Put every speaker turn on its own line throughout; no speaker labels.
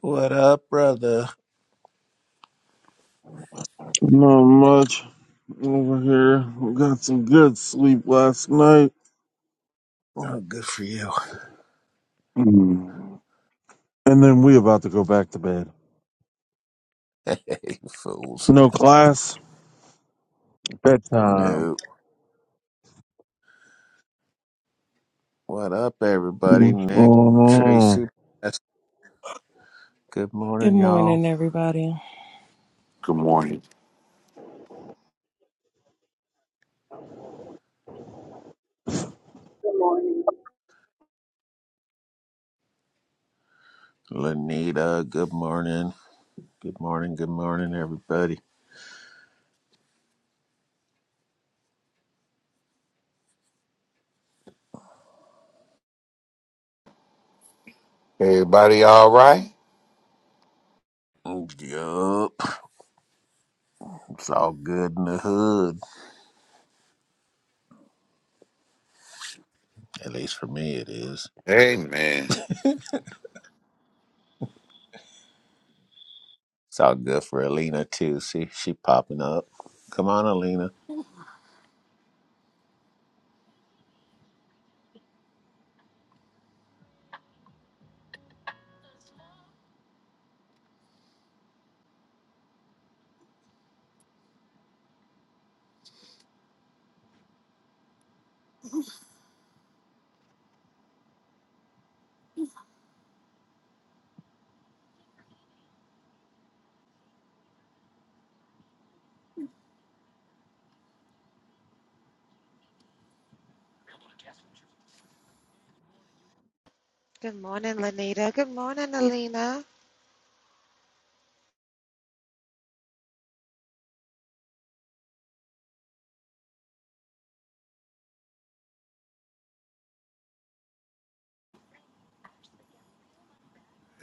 What up, brother?
Not much over here. We got some good sleep last night.
Oh, good for you.
Mm. And then we about to go back to bed.
Hey, fools.
No class. Bedtime.
No. What up, everybody?
What's going
Nick,
on?
Tracy, Pastor. Good
Good
morning,
morning,
y'all.
everybody.
Good morning.
Good morning.
Lanita, good morning. Good morning, good morning, everybody.
Everybody all right?
Yup. It's all good in the hood. At least for me, it is.
Amen.
It's all good for Alina, too. See, she popping up. Come on, Alina.
Good morning, Lanita. Good morning, Alina.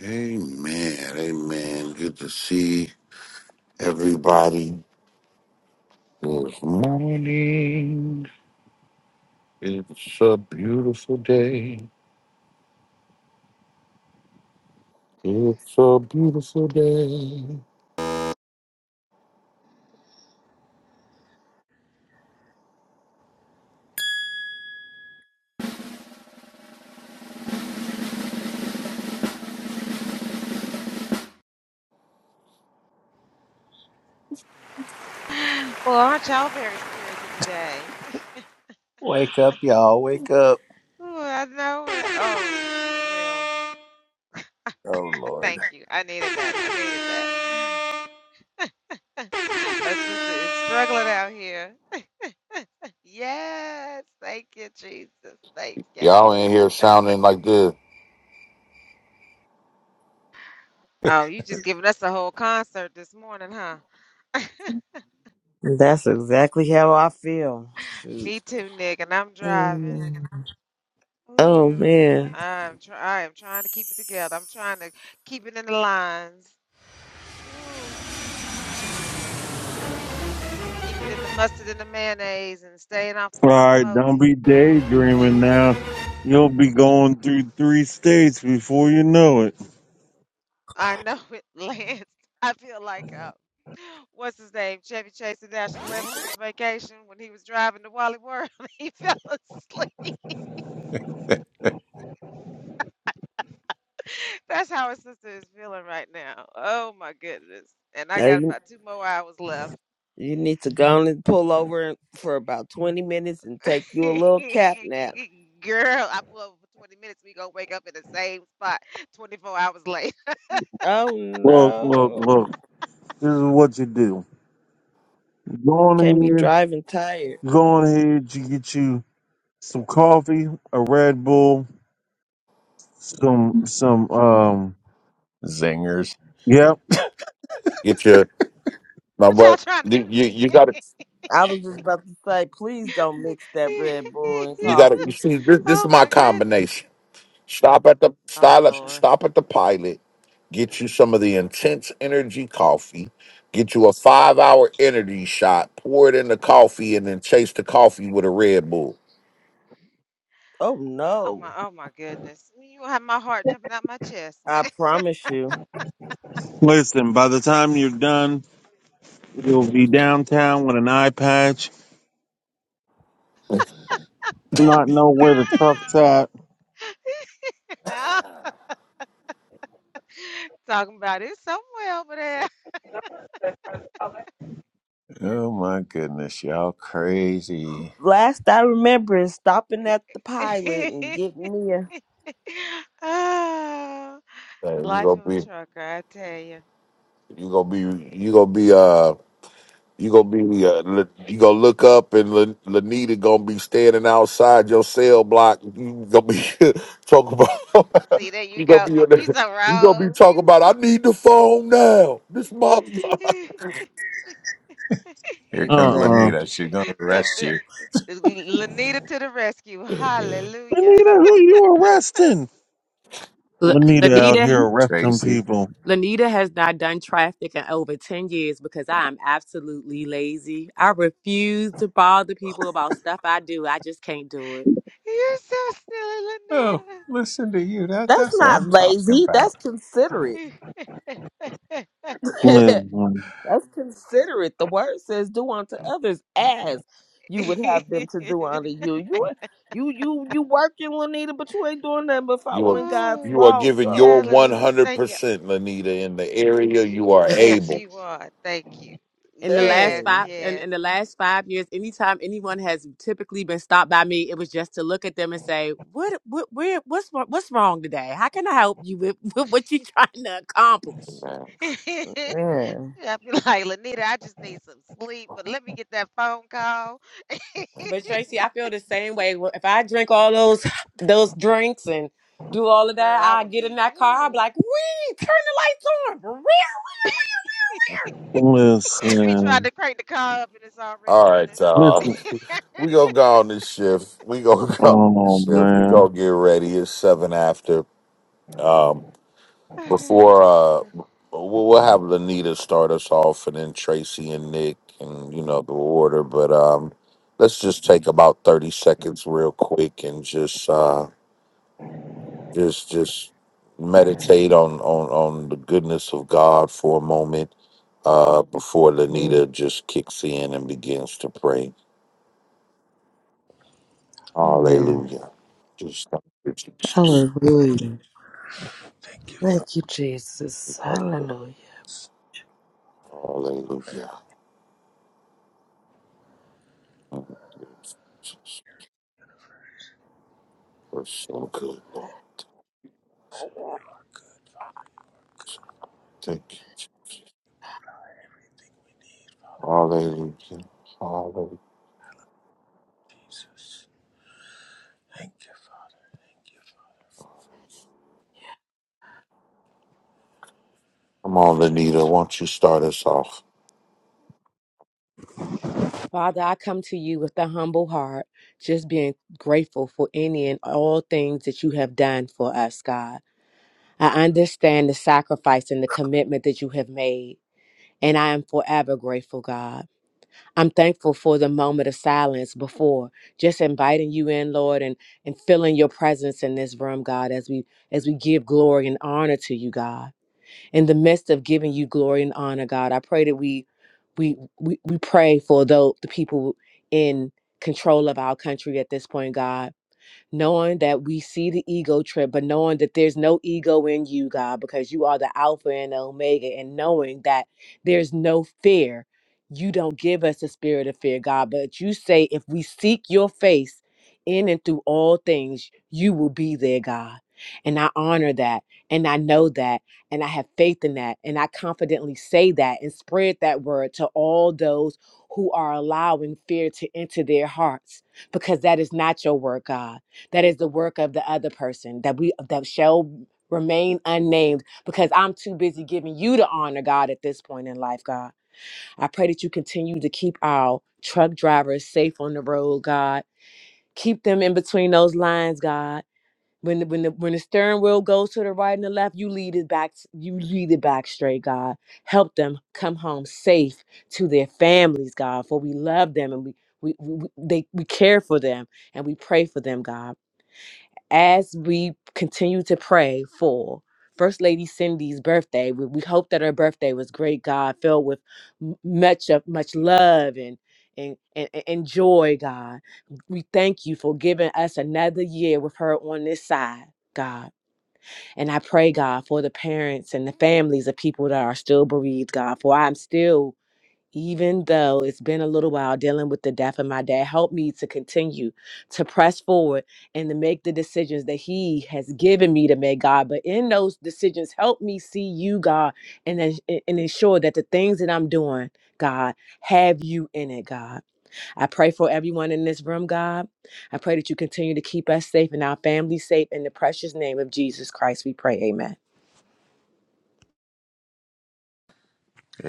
Amen. Amen. Good to see everybody this morning. It's a beautiful day. It's a beautiful day.
Well, aren't y'all very spirited today?
Wake up, y'all. Wake up.
Ooh, I know it. Oh, for real.
Oh, Lord.
Thank you. I needed that. I needed that. Our sister is struggling out here. Yes. Thank you, Jesus. Thank you.
Y'all in here sounding like this.
Oh, you just giving us a whole concert this morning, huh?
That's exactly how I feel. Shoot.
Me too, Nick, and I'm driving.
Mm. Oh
Ooh.
man.
I'm try I am trying to keep it together. I'm trying to keep it in the lines. Ooh. Keep it in the mustard and the mayonnaise and staying off the
Alright, don't
guacamole.
be daydreaming now. You'll be going through three states before you know it.
I know it, Lance. I feel like um, what's his name? Chevy Chase in National Lampoon's Vacation when he was driving to Wally World, he fell asleep. That's how his sister is feeling right now. Oh my goodness. And I
Now
got
you,
about two more hours left.
you need to go on and pull over for about twenty minutes and take you a little cat nap.
Girl, I blew over for 20 minutes. We gonna wake up in the same spot 24 hours late.
Oh
Look, look,
no.
look. This is what you do. You go on
Can't be
ahead,
driving tired.
you go on ahead, you get you some coffee, a Red Bull, some some um
Zingers.
Yep.
Get your my
What y'all
what?
trying to
You
do to me?
you got to
I was just about to say, please don't mix that Red Bull and
you got to you gotta- you
coffee.
see this, this
oh
is my
my goodness.
combination. Stop at the
Oh
stop at,
Lord.
stop at the pilot. Get you some of the intense energy coffee. Get you a five hour energy shot. Pour it in the coffee, and then chase the coffee with a Red Bull.
Oh
Oh my
no.
oh my goodness. You have my heart jumping out my chest, man.
I promise you.
Listen, by the time you're done, you'll be downtown with an eye patch, not know where the truck's at.
Talking about it somewhere over there.
Oh my goodness, y'all crazy.
Last I remember is stopping at the pilot and getting me a
oh,
Hey,
the
you
life
gonna
of a
be
trucker, I tell you.
you gonna be you gonna be uh you gonna be uh, Le- you gonna look up and La- Lanita gonna be standing outside your cell block. You gonna be talking
See,
about
there you
you gonna
go.
be
You so
you gonna
wrong.
be
You
talking about. I need the phone now. This mom.
so...
Here
Uh
comes
uh
Exactly.
Lanita. She's gonna
the,
arrest
the,
you,
Lanita to the rescue. Hallelujah.
Anita, who you arresting? Anita out here arresting
Tracy.
people.
You're so
Oh, listen to you. That
That's
that's what
not
I'm talking
lazy. That's
about.
considerate.
silly, Lanita.
That's
Listen,
considerate. The word says, "Do unto others as you would have them to do unto you." You, are- you, you, you working, Lanita, but you ain't doing nothing but
You are
following God's
Ooh,
you are
law.
giving your
So,
one
hallelujah.
hundred
Thank you.
percent, Lanita, in the area you
Oh,
are
Yes,
able.
you are. Thank you. Yes,
dang,
yes. I'd
man,
be like, Lanita, I just need some sleep, but let me get that phone call. Girl, I would be, woo, be trying
listen,
to crank the car up and it's already
All right,
running.
listen.
y'all. We gonna go on this shift. We gonna go on this
Oh
shift. We
man.
gonna get ready. It's seven after. Um, before uh, we'll, we'll have Lanita start us off, and then Tracy and Nick, and you know the order. But um, let's just take about thirty seconds, real quick, and just uh, just just meditate on on on the goodness of God for a moment uh, before
Mm,
Lanita just kicks in and begins to pray.
man,
Hallelujah. Just thank you, Jesus.
hallelujah.
Thank you, Father.
Thank you,
We
Jesus.
love you.
Hallelujah.
Hallelujah. Thank you, Jesus. We're so good, Lord. Thank you. Jesus.
Thank
Hallelujah. Hallelujah.
you, Jesus. Thank you, Father. Thank you,
Come on, Lanita. Why don't you start us off?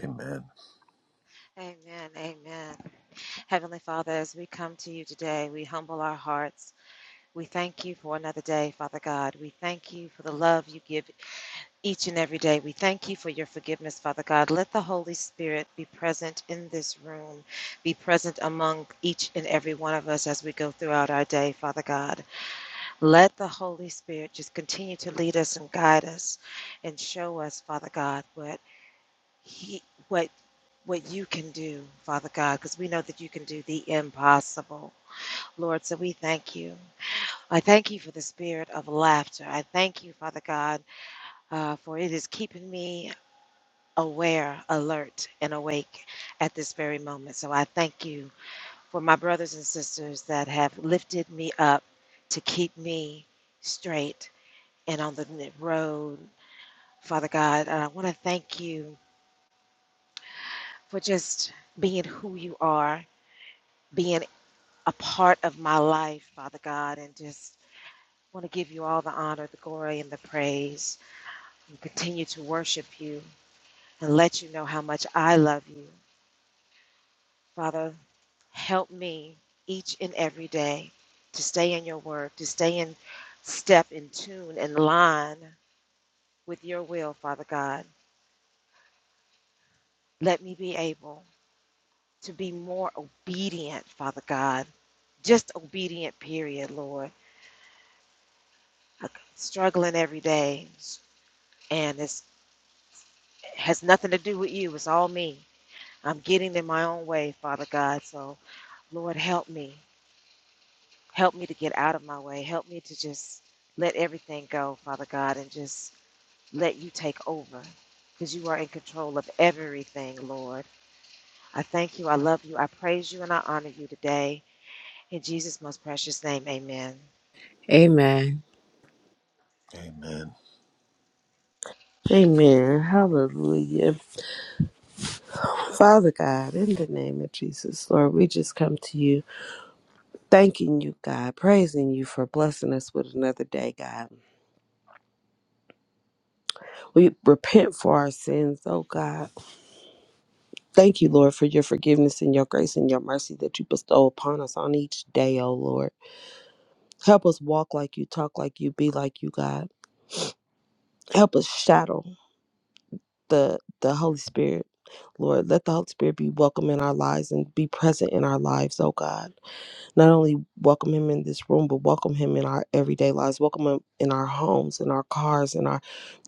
Father. for
amen, amen. Heavenly Father, as we come to you today, we humble our hearts. We thank you for another day, Father God. We thank you for the love you give. each and every day. We thank you for your forgiveness, Father God. Let the Holy Spirit be present in this room, be present among each and every one of us as we go throughout our day, Father God. Let the Holy Spirit just continue to lead us and guide us and show us, Father God, what he what what you can do, Father God, because we know that you can do the impossible. Lord, so we thank you. I thank you for the spirit of laughter. I thank you, Father God, uh, for it is keeping me aware, alert, and awake at this very moment. So I thank you for my brothers and sisters that have lifted me up to keep me straight and on the road. Father God, I want to thank you for just being who you are, being a part of my life, Father God, and just want to give you all the honor, the glory, and the praise and continue to worship you and let you know how much I love you Father, help me each and every day to stay in your word, to stay in step, in tune, in line with your will, Father God. Let me be able to be more obedient, Father God. Just obedient, period, Lord. I'm struggling every day, and it has nothing to do with you. It's all me. I'm getting in my own way, Father God. So, Lord, help me Help me to get out of my way. Help me to just let everything go, Father God, and just let you take over because you are in control of everything, Lord. I thank you. I love you. I praise you and I honor you today. In Jesus' most precious name, amen.
this. Amen. Amen.
Amen. Hallelujah. Father God, in the name of Jesus, Lord, we just come to you. thanking you, God, praising you for blessing us with another day, God. We repent for our sins, oh God. Thank you, Lord, for your forgiveness and your grace and your mercy that you bestow upon us on each day, oh Lord. Help us walk like you, talk like you, be like you, God. Help us shadow the the Holy Spirit. Lord, let the Holy Spirit be welcome in our lives and be present in our lives, oh God. not only welcome him in this room but welcome him in our everyday lives welcome him in our homes in our cars in our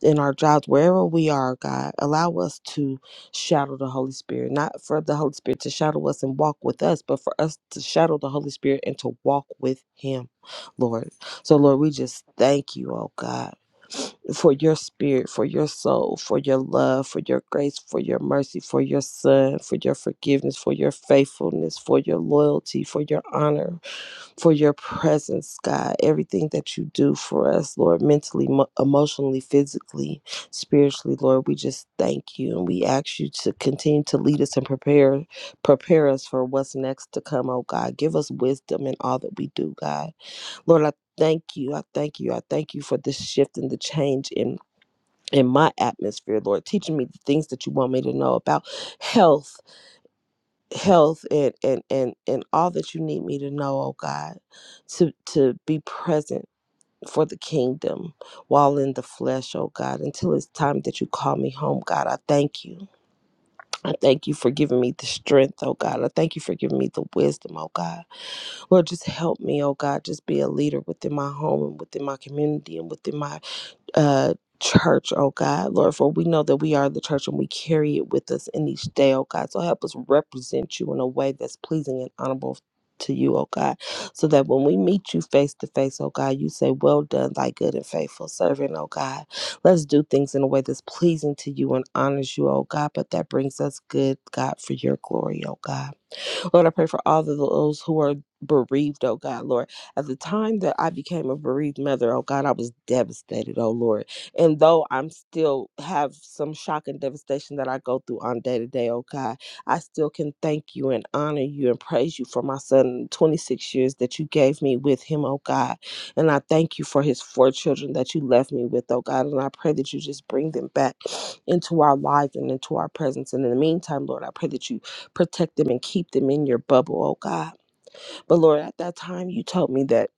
in our jobs wherever we are god allow us to shadow the holy spirit not for the holy spirit to shadow us and walk with us but for us to shadow the holy spirit and to walk with him lord so lord we just thank you oh god for your spirit, for your soul, for your love, for your grace, for your mercy, for your son, for your forgiveness, for your faithfulness, for your loyalty, for your honor, for your presence, God. Everything that you do for us, Lord, mentally, mo- emotionally, physically, spiritually, Lord, we just thank you and we ask you to continue to lead us and prepare prepare us for what's next to come, oh God. Give us wisdom in all that we do, God Lord, I thank you. I thank you. I thank you for this shift and the change in in my atmosphere, Lord, teaching me the things that you want me to know about health, health and and and and all that you need me to know, oh God, to to be present for the kingdom while in the flesh, oh God, until it's time that you call me home, God. I thank you. I thank you for giving me the strength, oh God. I thank you for giving me the wisdom, oh God. Lord, just help me, oh God, just be a leader within my home and within my community and within my uh church, oh God. Lord, for we know that we are the church and we carry it with us in each day, oh God. So help us represent you in a way that's pleasing and honorable to you, oh God. So that when we meet you face to face, oh God, you say, Well done, thy good and faithful servant, oh God. Let's do things in a way that's pleasing to you and honors you, oh God, but that brings us good, God, for your glory, oh God. Lord, I pray for all of those who are bereaved, oh God, Lord. At the time that I became a bereaved mother, oh God, I was devastated, oh Lord. And though I'm still have some shock and devastation that I go through on day to day, oh God, I still can thank you and honor you and praise you for my son, 26 years that you gave me with him, oh God. And I thank you for his four children that you left me with, oh God. And I pray that you just bring them back into our lives and into our presence. And in the meantime, Lord, I pray that you protect them and keep them in your bubble, oh God. But Lord, at that time you told me that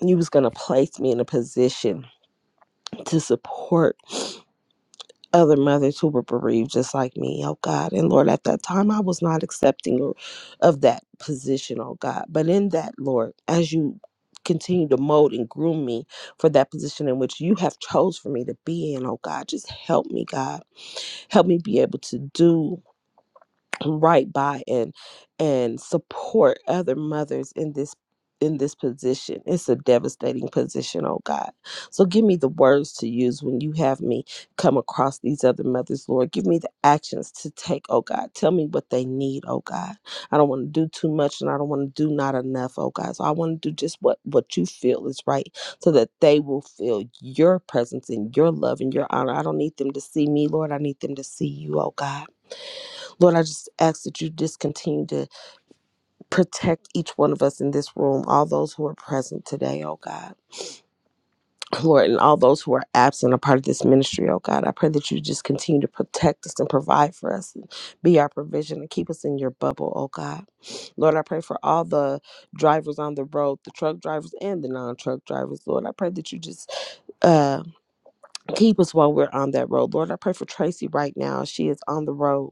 you was going to place me in a position to support other mothers who were bereaved just like me, oh God. And Lord, at that time I was not accepting or- of that position, oh God. But in that, Lord, as you continue to mold and groom me for that position in which you have chose for me to be in, oh God, just help me, God. Help me be able to do right by and and support other mothers in this in this position. It's a devastating position, oh God. So give me the words to use when you have me come across these other mothers, Lord. Give me the actions to take, oh God. Tell me what they need, oh God. I don't want to do too much and I don't want to do not enough, oh God. So I want to do just what what you feel is right so that they will feel your presence and your love and your honor. I don't need them to see me, Lord. I need them to see you, oh God. Lord, I just ask that you just continue to protect each one of us in this room, all those who are present today, oh God. Lord, and all those who are absent are part of this ministry, oh God. I pray that you just continue to protect us and provide for us and be our provision and keep us in your bubble, oh God. Lord, I pray for all the drivers on the road, the truck drivers and the non truck drivers. Lord, I pray that you just uh, keep us while we're on that road. Lord, I pray for Tracy right now. She is on the road.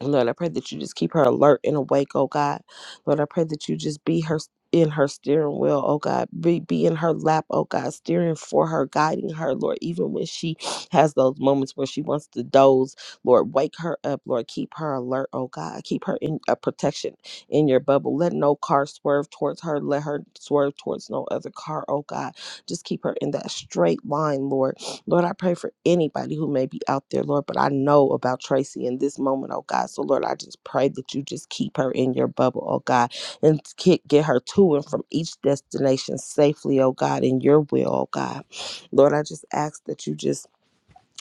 Lord, I pray that you just keep her alert and awake, oh God. Lord, I pray that you just be her in her steering wheel, oh God. Be be in her lap, oh God, steering for her, guiding her, Lord, even when she has those moments where she wants to doze, Lord, wake her up, Lord, keep her alert, oh God. Keep her in a protection in your bubble. Let no car swerve towards her. Let her swerve towards no other car, oh God. Just keep her in that straight line, Lord Lord, I pray for anybody who may be out there, Lord, but I know about Tracy in this moment, oh God. So, Lord, I just pray that you just keep her in your bubble, oh God, and ke- get her to and from each destination safely, oh God, in your will, oh God. Lord, I just ask that you just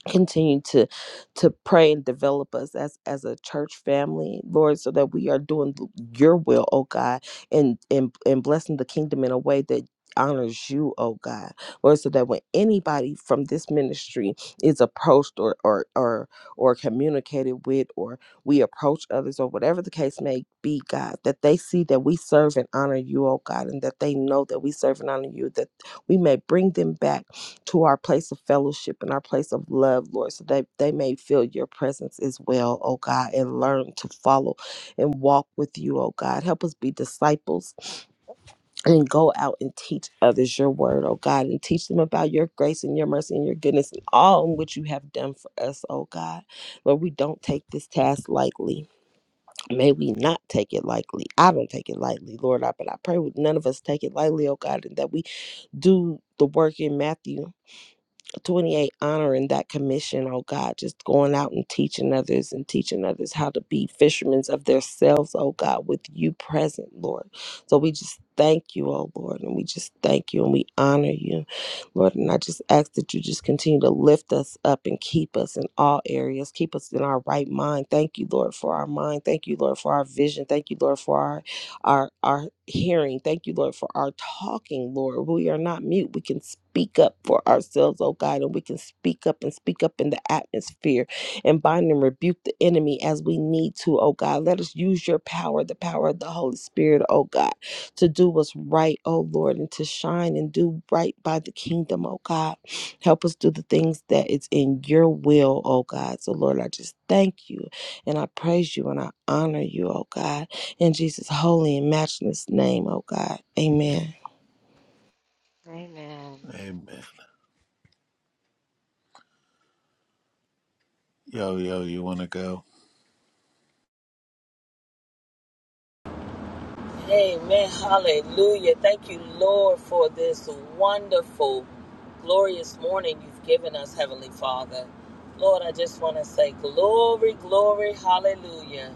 continue to to pray and develop us as as a church family lord so that we are doing your will oh god and and, and blessing the kingdom in a way that honors you oh god lord so that when anybody from this ministry is approached or or or, or communicated with or we approach others or whatever the case may be god that they see that we serve and honor you oh god and that they know that we serve and honor you that we may bring them back to our place of fellowship and our place of love, Lord, so that they may feel your presence as well, oh God, and learn to follow and walk with you, oh God. Help us be disciples and go out and teach others your word, oh God, and teach them about your grace and your mercy and your goodness and all in which you have done for us, oh God. Lord, we don't take this task lightly. May we not take it lightly. I don't take it lightly, Lord, I, but I pray none of us take it lightly, oh God, and that we do the work in Matthew 28 honoring that commission oh god just going out and teaching others and teaching others how to be fishermen of themselves oh god with you present lord so we just thank you oh lord and we just thank you and we honor you lord and i just ask that you just continue to lift us up and keep us in all areas keep us in our right mind thank you lord for our mind thank you lord for our vision thank you lord for our our our hearing. Thank you, Lord, for our talking, Lord. We are not mute. We can speak up for ourselves, oh God, and we can speak up and speak up in the atmosphere and bind and rebuke the enemy as we need to, oh God. Let us use your power, the power of the Holy Spirit, oh God, to do what's right, oh Lord, and to shine and do right by the kingdom, oh God. Help us do the things that is in your will, oh God. So Lord, I just thank you and I praise you and I honor you, oh God. In Jesus' holy and matchless name, oh God. Amen.
Amen.
Amen. Yo, yo, you wanna go?
Amen. Hallelujah. Thank you, Lord, for this wonderful, glorious morning you've given us, Heavenly Father. Lord, I just want to say glory, glory, hallelujah.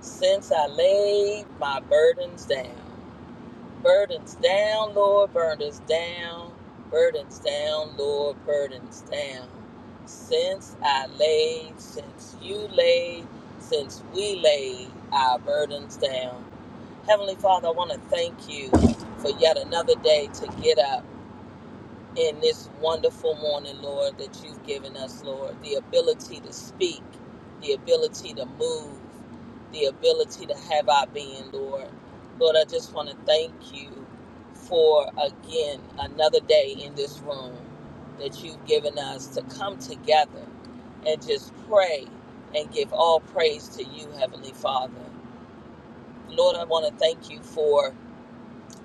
Since I laid my burdens down. Burdens down, Lord, burdens down, burdens down, Lord, burdens down. Since I laid, since you laid, since we laid our burdens down. Heavenly Father, I want to thank you for yet another day to get up in this wonderful morning, Lord, that you've given us, Lord. The ability to speak, the ability to move, the ability to have our being, Lord. Lord, I just want to thank you for again another day in this room that you've given us to come together and just pray and give all praise to you, Heavenly Father. Lord, I want to thank you for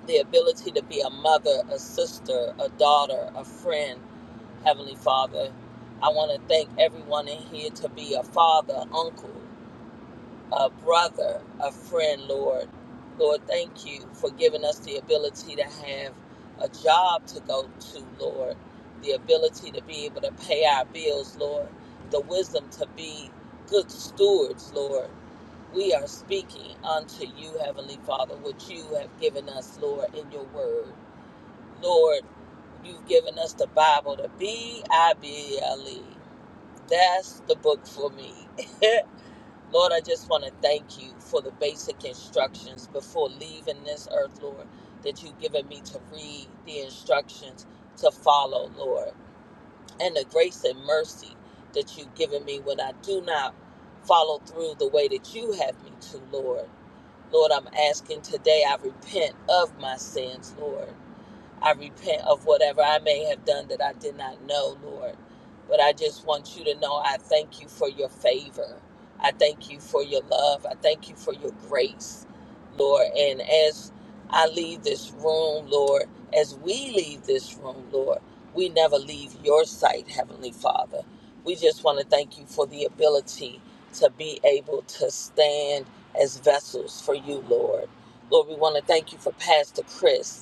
the ability to be a mother, a sister, a daughter, a friend, Heavenly Father. I want to thank everyone in here to be a father, uncle, a brother, a friend, Lord. Lord, thank you for giving us the ability to have a job to go to, Lord. The ability to be able to pay our bills, Lord. The wisdom to be good stewards, Lord we are speaking unto you, Heavenly Father, What you have given us, Lord, in your word. Lord, you've given us the Bible, the B I B L E. That's the book for me. Lord, I just want to thank you for the basic instructions before leaving this earth, Lord, that you've given me to read the instructions to follow, Lord, and the grace and mercy that you've given me when I do not follow through the way that you have me to, Lord. Lord, I'm asking today, I repent of my sins, Lord. I repent of whatever I may have done that I did not know, Lord. But I just want you to know I thank you for your favor. I thank you for your love. I thank you for your grace, Lord. And as I leave this room, Lord, as we leave this room, Lord, we never leave your sight, Heavenly Father. We just want to thank you for the ability to be able to stand as vessels for you, Lord. Lord, we want to thank you for Pastor Chris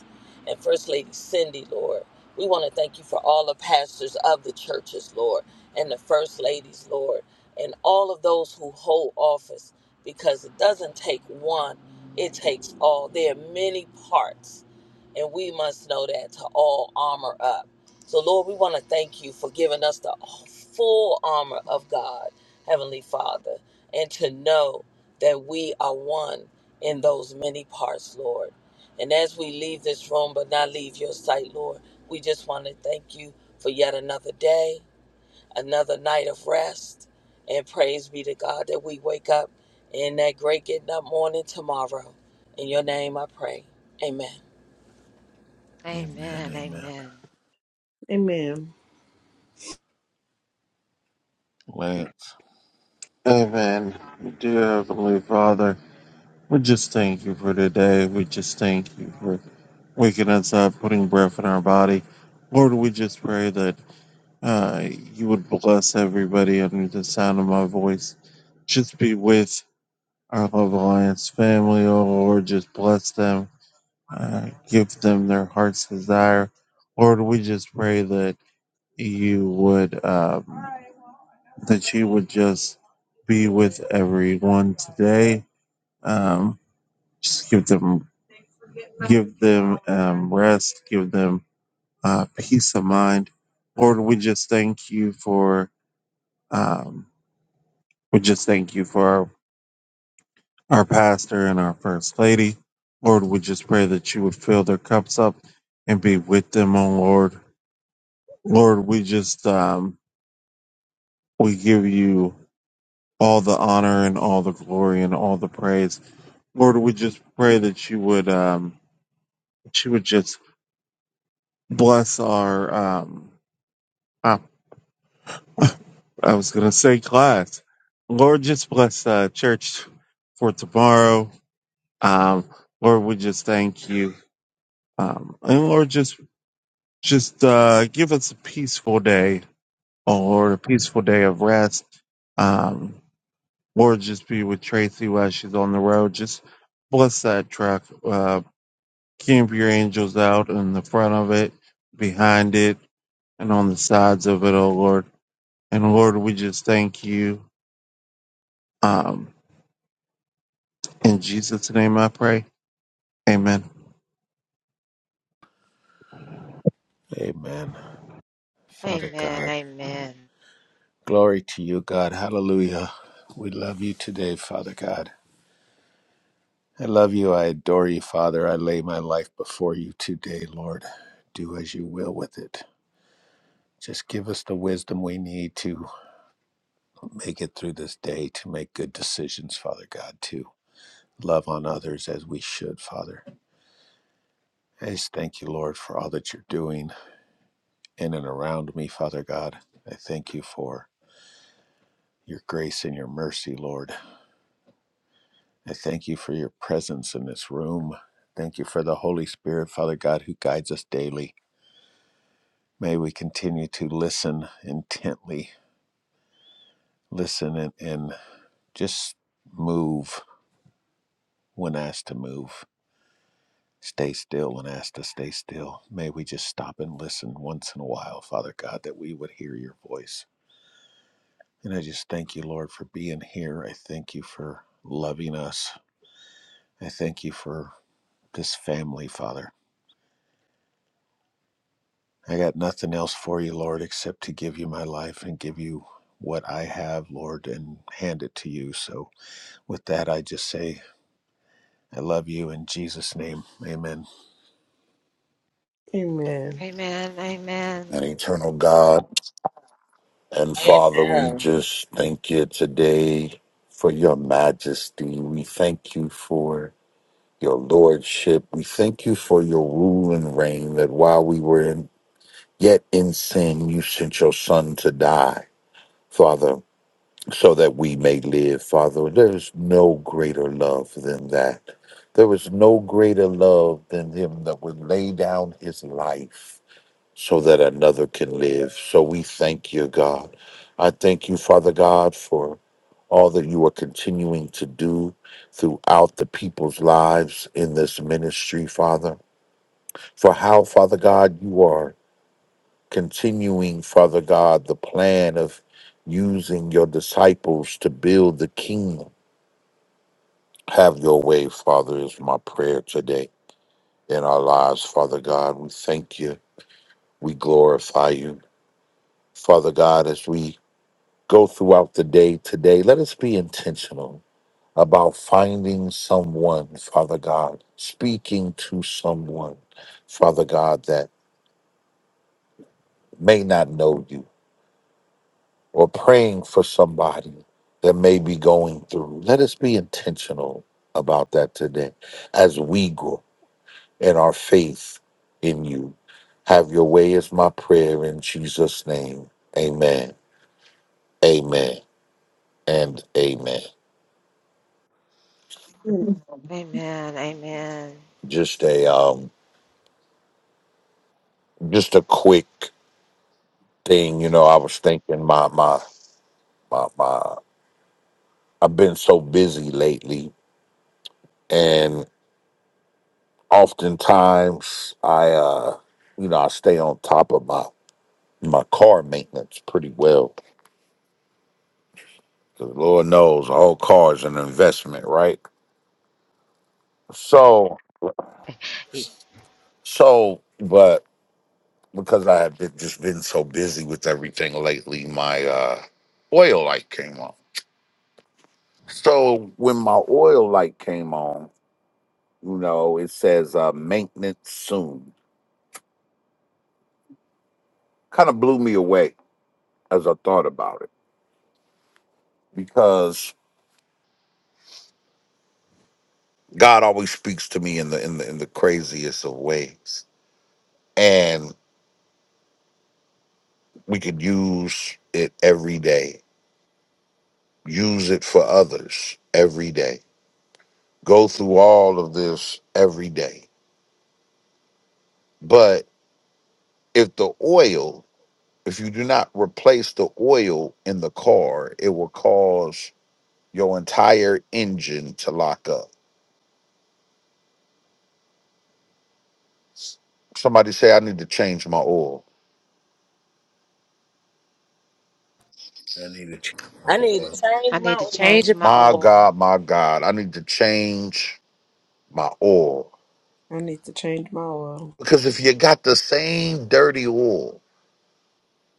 and First Lady Cindy, Lord. We want to thank you for all the pastors of the churches, Lord, and the First Ladies, Lord, and all of those who hold office because it doesn't take one, it takes all. There are many parts, and we must know that to all armor up. So, Lord, we want to thank you for giving us the full armor of God, Heavenly Father and to know that we are one in those many parts, Lord. And as we leave this room, but not leave your sight, Lord, we just want to thank you for yet another day, another night of rest. And praise be to God that we wake up in that great getting up morning tomorrow. In your name I pray. Amen.
Amen.
Amen.
Amen.
Amen.
Amen.
Lance.
Amen, dear Heavenly Father, we just thank you for today. We just thank you for waking us up, putting breath in our body. Lord, we just pray that uh, you would bless everybody under the sound of my voice. Just be with our Love Alliance family, oh Lord. Just bless them, uh, give them their heart's desire. Lord, we just pray that you would um, that you would just be with everyone today. Um, just give them give them um, rest, give them uh, peace of mind. Lord, we just thank you for. Um, We just thank you for our, our pastor and our first lady. Lord, we just pray that you would fill their cups up and be with them, oh Lord. Lord, we just um, we give you all the honor and all the glory and all the praise. Lord, we just pray that you would um, that you would just bless our um, I, I was gonna say class. Lord, just bless uh, church for tomorrow. Um, Lord, we just thank you. Um, and Lord, just Just uh, give us a peaceful day, oh Lord, a peaceful day of rest. Um, Lord, just be with Tracy while she's on the road. Just bless that truck. Uh, keep your angels out in the front of it, behind it, and on the sides of it, oh Lord. And Lord, we just thank you. Um, in Jesus' name I pray. Amen.
Amen. Father
Amen.
God.
Amen.
Glory to you, God. Hallelujah. We love you today, Father God. I love you. I adore you, Father. I lay my life before you today, Lord. Do as you will with it. Just give us the wisdom we need to make it through this day, to make good decisions, Father God, to love on others as we should, Father. I just thank you, Lord, for all that you're doing in and around me, Father God. I thank you for your grace and your mercy, Lord. I thank you for your presence in this room. Thank you for the Holy Spirit, Father God, who guides us daily. May we continue to listen intently, listen and, and just move when asked to move. Stay still when asked to stay still. May we just stop and listen once in a while, Father God, that we would hear your voice. And I just thank you, Lord, for being here. I thank you for loving us. I thank you for this family, Father. I got nothing else for you, Lord, except to give you my life and give you what I have, Lord, and hand it to you. So with that, I just say I love you in Jesus' name. Amen.
Amen.
And
Amen.
eternal God and Father, we
Amen.
just thank you today for your majesty. We thank you for your lordship. We thank you for your rule and reign that while we were in, yet in sin, you sent your son to die, Father, so that we may live, Father. There is no greater love than that. There is no greater love than him that would lay down his life so that another can live. So we thank you, God. I thank you, Father God, for all that you are continuing to do throughout the people's lives in this ministry, Father. For how, Father God, you are continuing, Father God, the plan of using your disciples to build the kingdom. Have your way, Father, is my prayer today in our lives, Father God. We thank you. We glorify you. Father God, as we go throughout the day today, let us be intentional about finding someone, Father God, speaking to someone, Father God, that may not know you, or praying for somebody that may be going through. Let us be intentional about that today as we grow in our faith in you. Have your way is my prayer in Jesus' name. Amen. Amen. And amen.
Amen. Amen.
Just a um just a quick thing, you know, I was thinking my my my my I've been so busy lately and oftentimes I uh you know, I stay on top of my my car maintenance pretty well. 'Cause Lord knows all cars an investment, right? So so but because I have been just been so busy with everything lately, my uh oil light came on. So when my oil light came on, you know, it says uh maintenance soon kind of blew me away as I thought about it because God always speaks to me in the in the in the craziest of ways, and we could use it every day. Use it for others every day. Go through all of this every day. But if the oil, if you do not replace the oil in the car, it will cause your entire engine to lock up. Somebody say, I need to change my oil
I need to change my
I need to
oil.
change
I
my
need to
oil.
change my
My
oil.
God, my God, I need to change my oil.
I need to change my oil.
Because if you got the same dirty oil,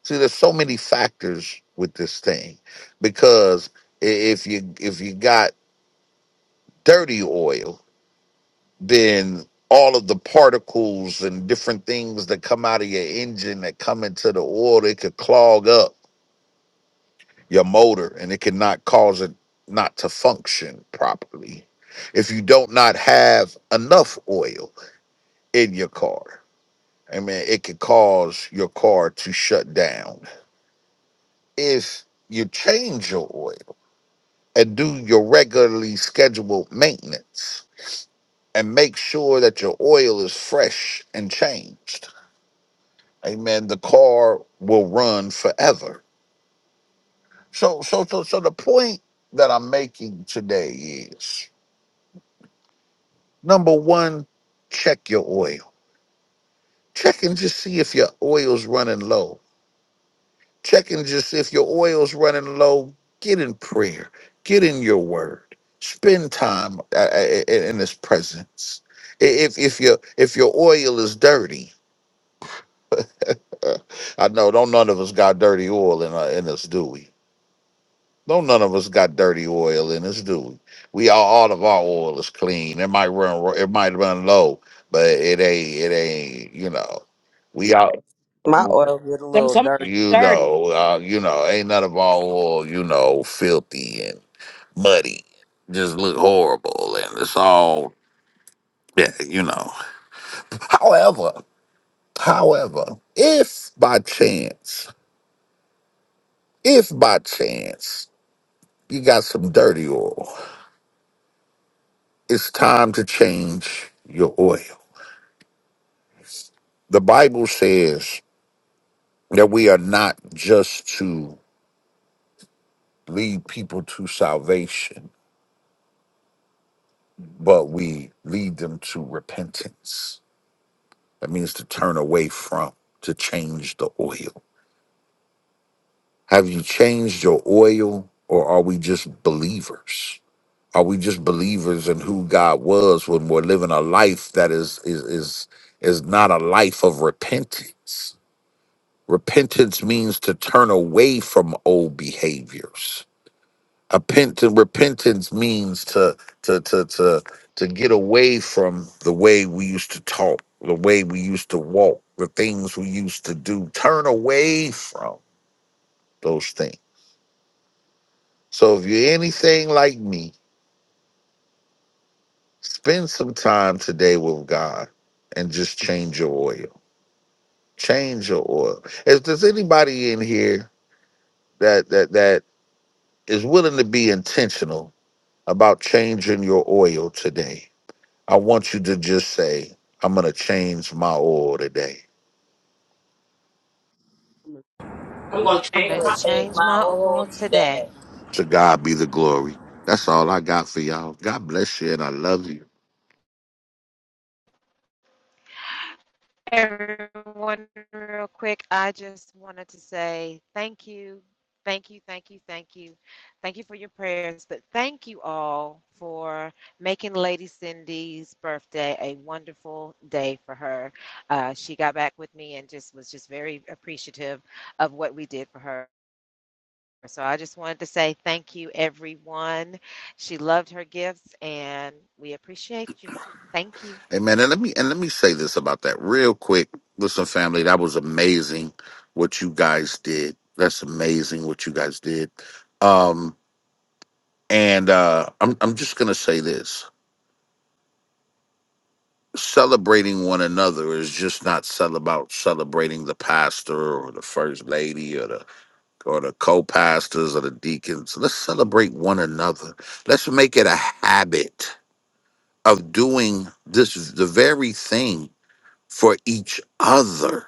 see there's so many factors with this thing. Because i- if you if you got dirty oil, then all of the particles and different things that come out of your engine that come into the oil, it could clog up your motor and it can not cause it not to function properly. If you don't not have enough oil in your car I mean, it could cause your car to shut down. If you change your oil and do your regularly scheduled maintenance and make sure that your oil is fresh and changed, amen, the car will run forever. So, so, so, so the point that I'm making today is number one, check your oil. Check and just see if your oil's running low checking just if your oil's running low. Get in prayer. Get in your word. Spend time uh, uh, uh, in in His presence. I- If if your if your oil is dirty, uh, I know don't none of us got dirty oil in uh, in us, do we? Don't none of us got dirty oil in us, do we? We all all of our oil is clean. It might run ro- it might run low, but it ain't it ain't you know we all.
My oil get a little dirty.
you know, uh, you know, ain't none of our oil, you know, filthy and muddy, just look horrible, and it's all, yeah, you know. However, however, if by chance, if by chance you got some dirty oil, it's time to change your oil. The Bible says that we are not just to lead people to salvation, but we lead them to repentance That means to turn away from, to change the oil. Have you changed your oil or are we just believers? Are we just believers in who God was when we're living a life that is is is is not a life of repentance? Repentance means to turn away from old behaviors Repent- repentance means to to to to to get away from the way we used to talk, the way we used to walk, the things we used to do. Turn away from those things. So if you're anything like me, spend some time today with God and just change your oil. Change your oil. If there's anybody in here that that that is willing to be intentional about changing your oil today, I want you to just say, I'm going to change my oil today.
I'm
I'm
going
going
to
to change
change
my
my
oil
oil
today.
today.
To God be the glory. That's all I got for y'all. God bless you and I love you.
Everyone, real quick, I just wanted to say thank you. Thank you, thank you, thank you. Thank you for your prayers, but thank you all for making Lady Cindy's birthday a wonderful day for her. Uh, she got back with me and just was just very appreciative of what we did for her. So I just wanted to say thank you, everyone. She loved her gifts, and we appreciate you. Thank you.
Amen. And let me and let me say this about that real quick. Listen, family, that was amazing what you guys did. That's amazing what you guys did. Um, and uh I'm I'm just gonna say this. Celebrating one another is just not cel- about celebrating the pastor or the first lady or the or the co-pastors or the deacons let's celebrate one another let's make it a habit of doing this the very thing for each other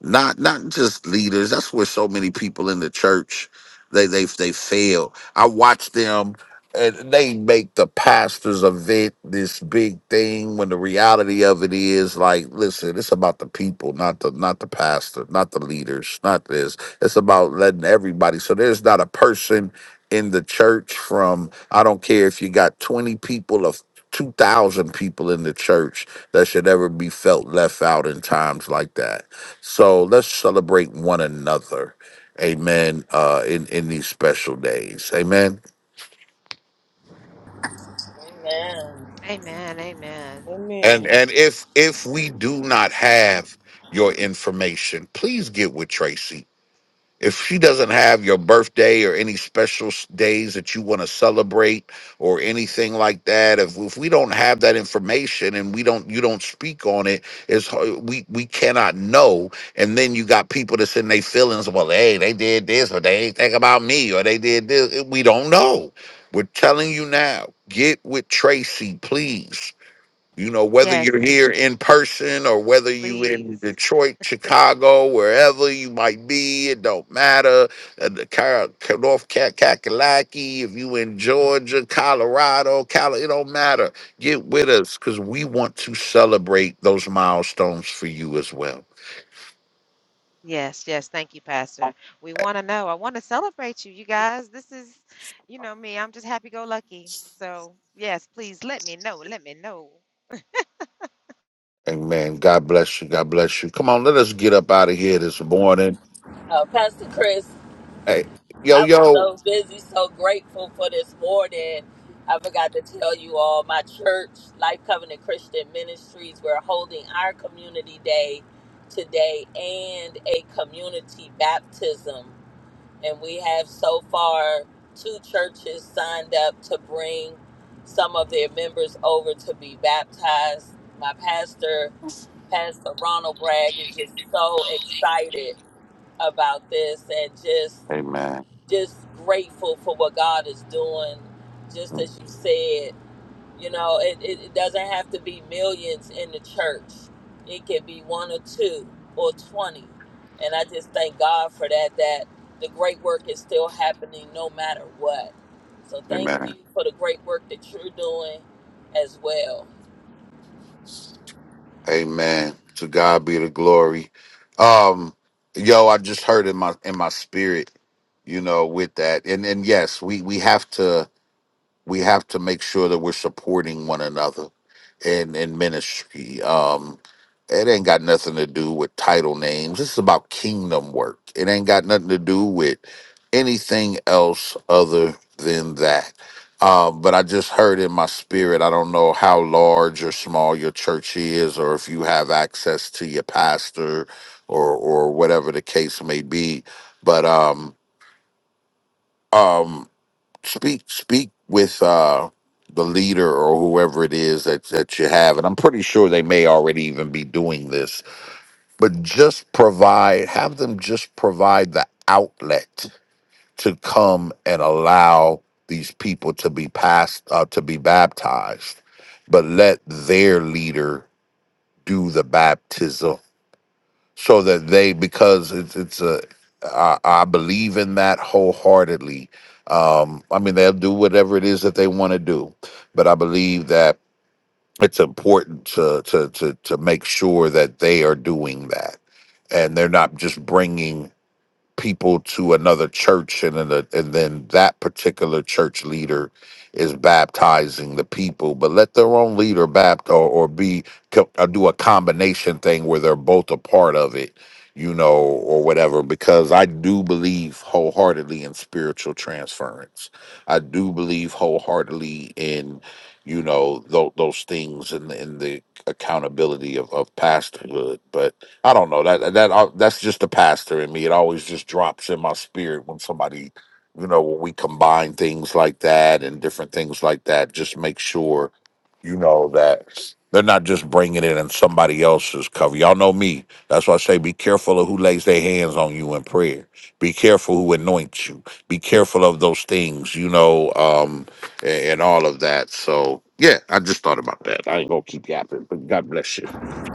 not not just leaders. That's where so many people in the church they they they fail. I watch them and they make the pastor's event this big thing when the reality of it is like listen it's about the people not the not the pastor not the leaders not this it's about letting everybody so there's not a person in the church from i don't care if you got 20 people of 2000 people in the church that should ever be felt left out in times like that so let's celebrate one another. Amen. Uh in, in these special days. Amen.
Amen.
Amen. Amen.
And
Amen.
and if if we do not have your information, please get with Tracy. if she doesn't have your birthday or any special s- days that you want to celebrate or anything like that if, if we don't have that information and we don't you don't speak on it it's ho- we we cannot know and then you got people that's in their feelings well hey they did this or they ain't think about me or they did this we don't know we're telling you now get with tracy please you know, whether you're
Yes,
here in person or whether you in
please.
Detroit, Chicago, wherever you might be, it don't matter. Uh, the Car- Car- North Cat Kakalaki, if you in Georgia, Colorado, Cali, it don't matter. Get with us because we want to celebrate those milestones for you as well.
Yes, yes. Thank you, Pastor. We want to know. I want to celebrate you, you guys. This is, you know, me. I'm just happy go lucky. So, yes, please let me know. Let me know.
Amen. God bless you. God bless you. Come on, let us get up out of here this morning.
Uh, Pastor Chris,
Hey, yo,
I was
yo.
so busy, so grateful for this morning. I forgot to tell you all my church, Life Covenant Christian Ministries, we're holding our community day today and a community baptism. And we have so far two churches signed up to bring some of their members over to be baptized. My pastor, Pastor Ronald Bragg, is just so excited about this and just
Amen.
just grateful for what God is doing. Just as you said, you know, it, it, it doesn't have to be millions in the church. It can be one or two or 20. And I just thank God for that, that the great work is still happening no matter what. So thank
Amen.
you for the great work that you're doing as well.
Amen. To God be the glory. Um, yo, I just heard in my in my spirit, you know, with that. And and yes, we we have to we have to make sure that we're supporting one another in in ministry. Um, it ain't got nothing to do with title names. This is about kingdom work. It ain't got nothing to do with anything else other than that. Um, but I just heard in my spirit. I don't know how large or small your church is, or if you have access to your pastor, or or whatever the case may be. But um, um speak speak with uh the leader or whoever it is that that you have and i'm pretty sure they may already even be doing this but just provide have them just provide the outlet to come and allow these people to be passed uh, to be baptized but let their leader do the baptism so that they because it's it's a I, I believe in that wholeheartedly. Um, I mean, they'll do whatever it is that they want to do, but I believe that it's important to to to to make sure that they are doing that, and they're not just bringing people to another church and then the- and then that particular church leader is baptizing the people but let their own leader baptize or, or be co- or do a combination thing where they're both a part of it you know or whatever because i do believe wholeheartedly in spiritual transference i do believe wholeheartedly in you know tho- those things and in, the accountability of, of pastorhood but I don't know that that I, that's just the pastor in me. It always just drops in my spirit when somebody, you know, when we combine things like that and different things like that. Just make sure, you know, that they're not just bringing it in somebody else's cover. Y'all know me. That's why I say be careful of who lays their hands on you in prayer. Be careful who anoints you. Be careful of those things, you know, um, and, and all of that. So yeah, I just thought about that. I ain't gonna keep yapping, but God bless you.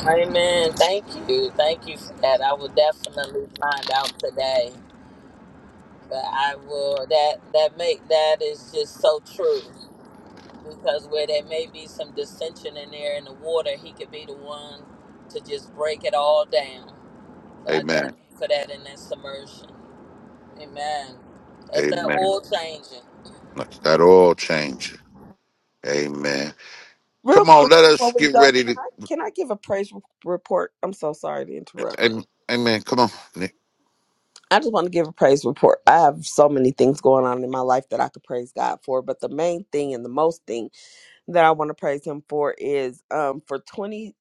Amen. Thank you. Thank you for that. I will definitely find out today. But I will that that make that is just so true. because where there may be some dissension in there in the water, he could be the one to just break it all down. So I
Amen.
thank you for that in that submersion. Amen. That's that
Amen.
oil changing.
That's that all change. Amen.
Real
Come on,
quick
let us
before we
get
go,
ready
can
to.
I can I give a praise re- report? I'm so sorry to interrupt.
Amen. amen. Come on. Nick.
I just want to give a praise report. I have so many things going on in my life that I could praise God for, but the main thing and the most thing that I want to praise him for is um for 28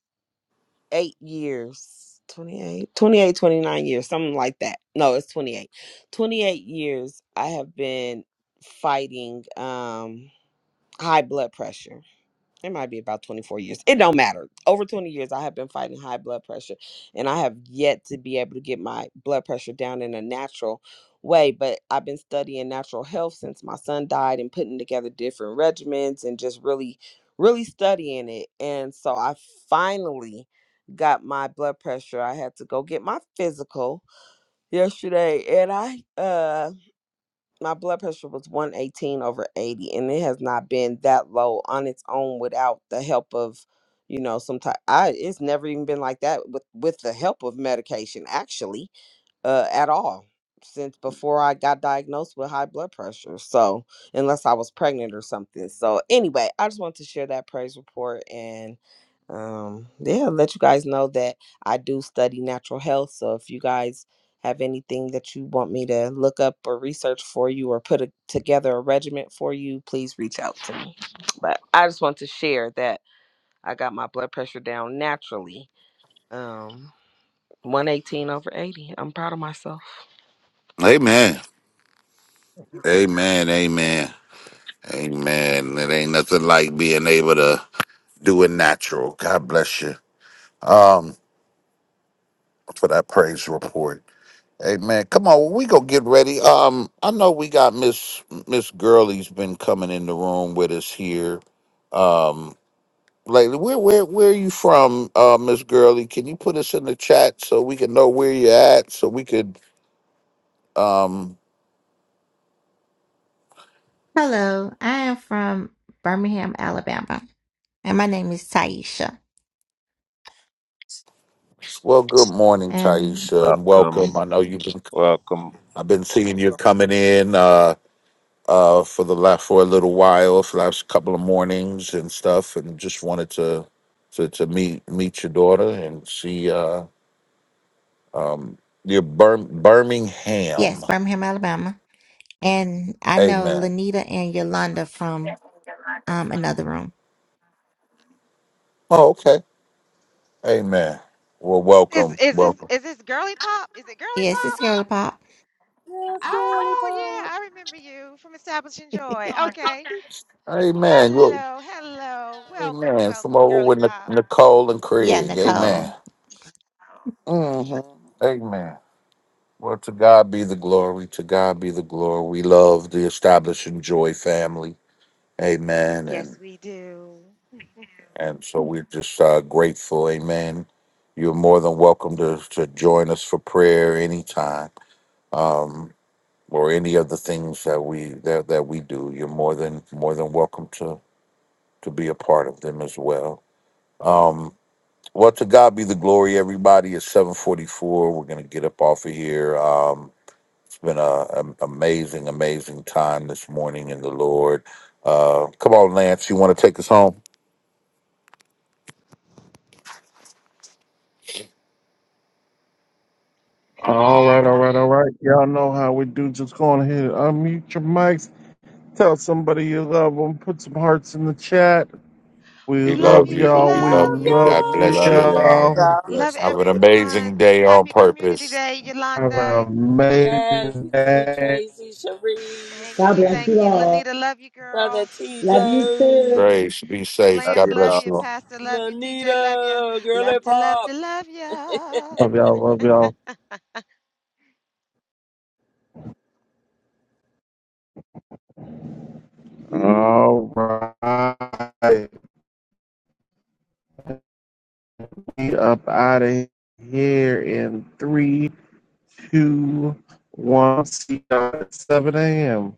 years, 28, 28, 29 years, something like that. No, it's 28. 28 years I have been fighting um high blood pressure it might be about 24 years it don't matter over 20 years i have been fighting high blood pressure and i have yet to be able to get my blood pressure down in a natural way but i've been studying natural health since my son died and putting together different regimens and just really really studying it and so i finally got my blood pressure i had to go get my physical yesterday and i uh my blood pressure was 118 over 80 and it has not been that low on its own without the help of you know some type i it's never even been like that with with the help of medication actually uh, at all since before I got diagnosed with high blood pressure. So, unless I was pregnant or something. So, anyway, I just wanted to share that praise report and um yeah, let you guys know that I do study natural health. So, if you guys have anything that you want me to look up or research for you or put a, together a regimen for you, please reach out to me. But I just want to share that I got my blood pressure down naturally. Um 118 over 80. I'm proud of myself.
Amen. Amen. Amen. Amen. It ain't nothing like being able to do it natural. God bless you. Um, for that praise report. Amen. Come on, we go get ready. Um, I know we got Miss Miss Gurley's been coming in the room with us here. Um, lately. Where where where are you from, uh, Miss Gurley? Can you put us in the chat so we can know where you're at, so we could um
Hello, I am from Birmingham, Alabama, and my name is Taisha.
well good morning,
And
Taisha, and welcome.
Welcome.
I know you've been I've been seeing you coming in uh uh for the last for a little while, for the last couple of mornings and stuff, and just wanted to to, to meet meet your daughter and see uh um your Bir-
yes,
Birmingham.
Birmingham, Alabama. And I know
Amen.
Lanita and Yolanda from um another room.
Oh, okay. Amen. Well,
Is
welcome.
is this
Welcome.
is this girly pop? Is it girly
Yes, it's
pop?
Girly Pop.
Yes, girly
Oh yeah,
pop.
I remember you from Establishing Joy. Okay,
Amen. Well,
Hello, hello. Welcome,
amen. From
welcome,
over
girly
with Nic-
pop.
Nicole and
yeah,
Craig. Amen.
Nicole.
hmm Amen. Well, to God be the glory. To God be the glory. We love the Establishing Joy family. Amen. And
Yes, we do.
and so we're just uh, grateful. Amen. You're more than welcome to, to join us for prayer anytime, um, or any of the things that we that, that we do. You're more than more than welcome to to be a part of them as well. Um, Well, to God be the glory, everybody. It's 744. We're going to get up off of here. Um, it's been a an amazing, amazing time this morning in the Lord. Uh, come on, Lance. You want to take us home?
All right, all right, all right. Y'all know how we do. Just go on ahead, and unmute your mics, tell somebody you love them, put some hearts in the chat. We
We
We
love
love
love
you. We
you.
y'all.
We
We
love
love
Love
you.
love
God bless
Love
you.
you.
y'all.
y'all.
Have a
y'all.
Love
blessed
Have an
day.
amazing
everyone.
day on
Happy Community
purpose.
Day,
Have an
Yolanda.
Yes,
amazing
you too,
day.
Tracy, Sharice,
Thank
God
you.
bless
Thank
you
you.
all.
Lanita, love you,
Brother
girl.
Love you too.
TJ,
Grace. Be safe.
Love
Lance,
God
love
bless
you.
you.
y'all.
Pastor, love you. TJ, love you.
Lanita, girly
Love to love to
pop.
love you.
Love y'all. Love y'all. All right. We up out of here in three, two, one. See y'all at 7 a.m.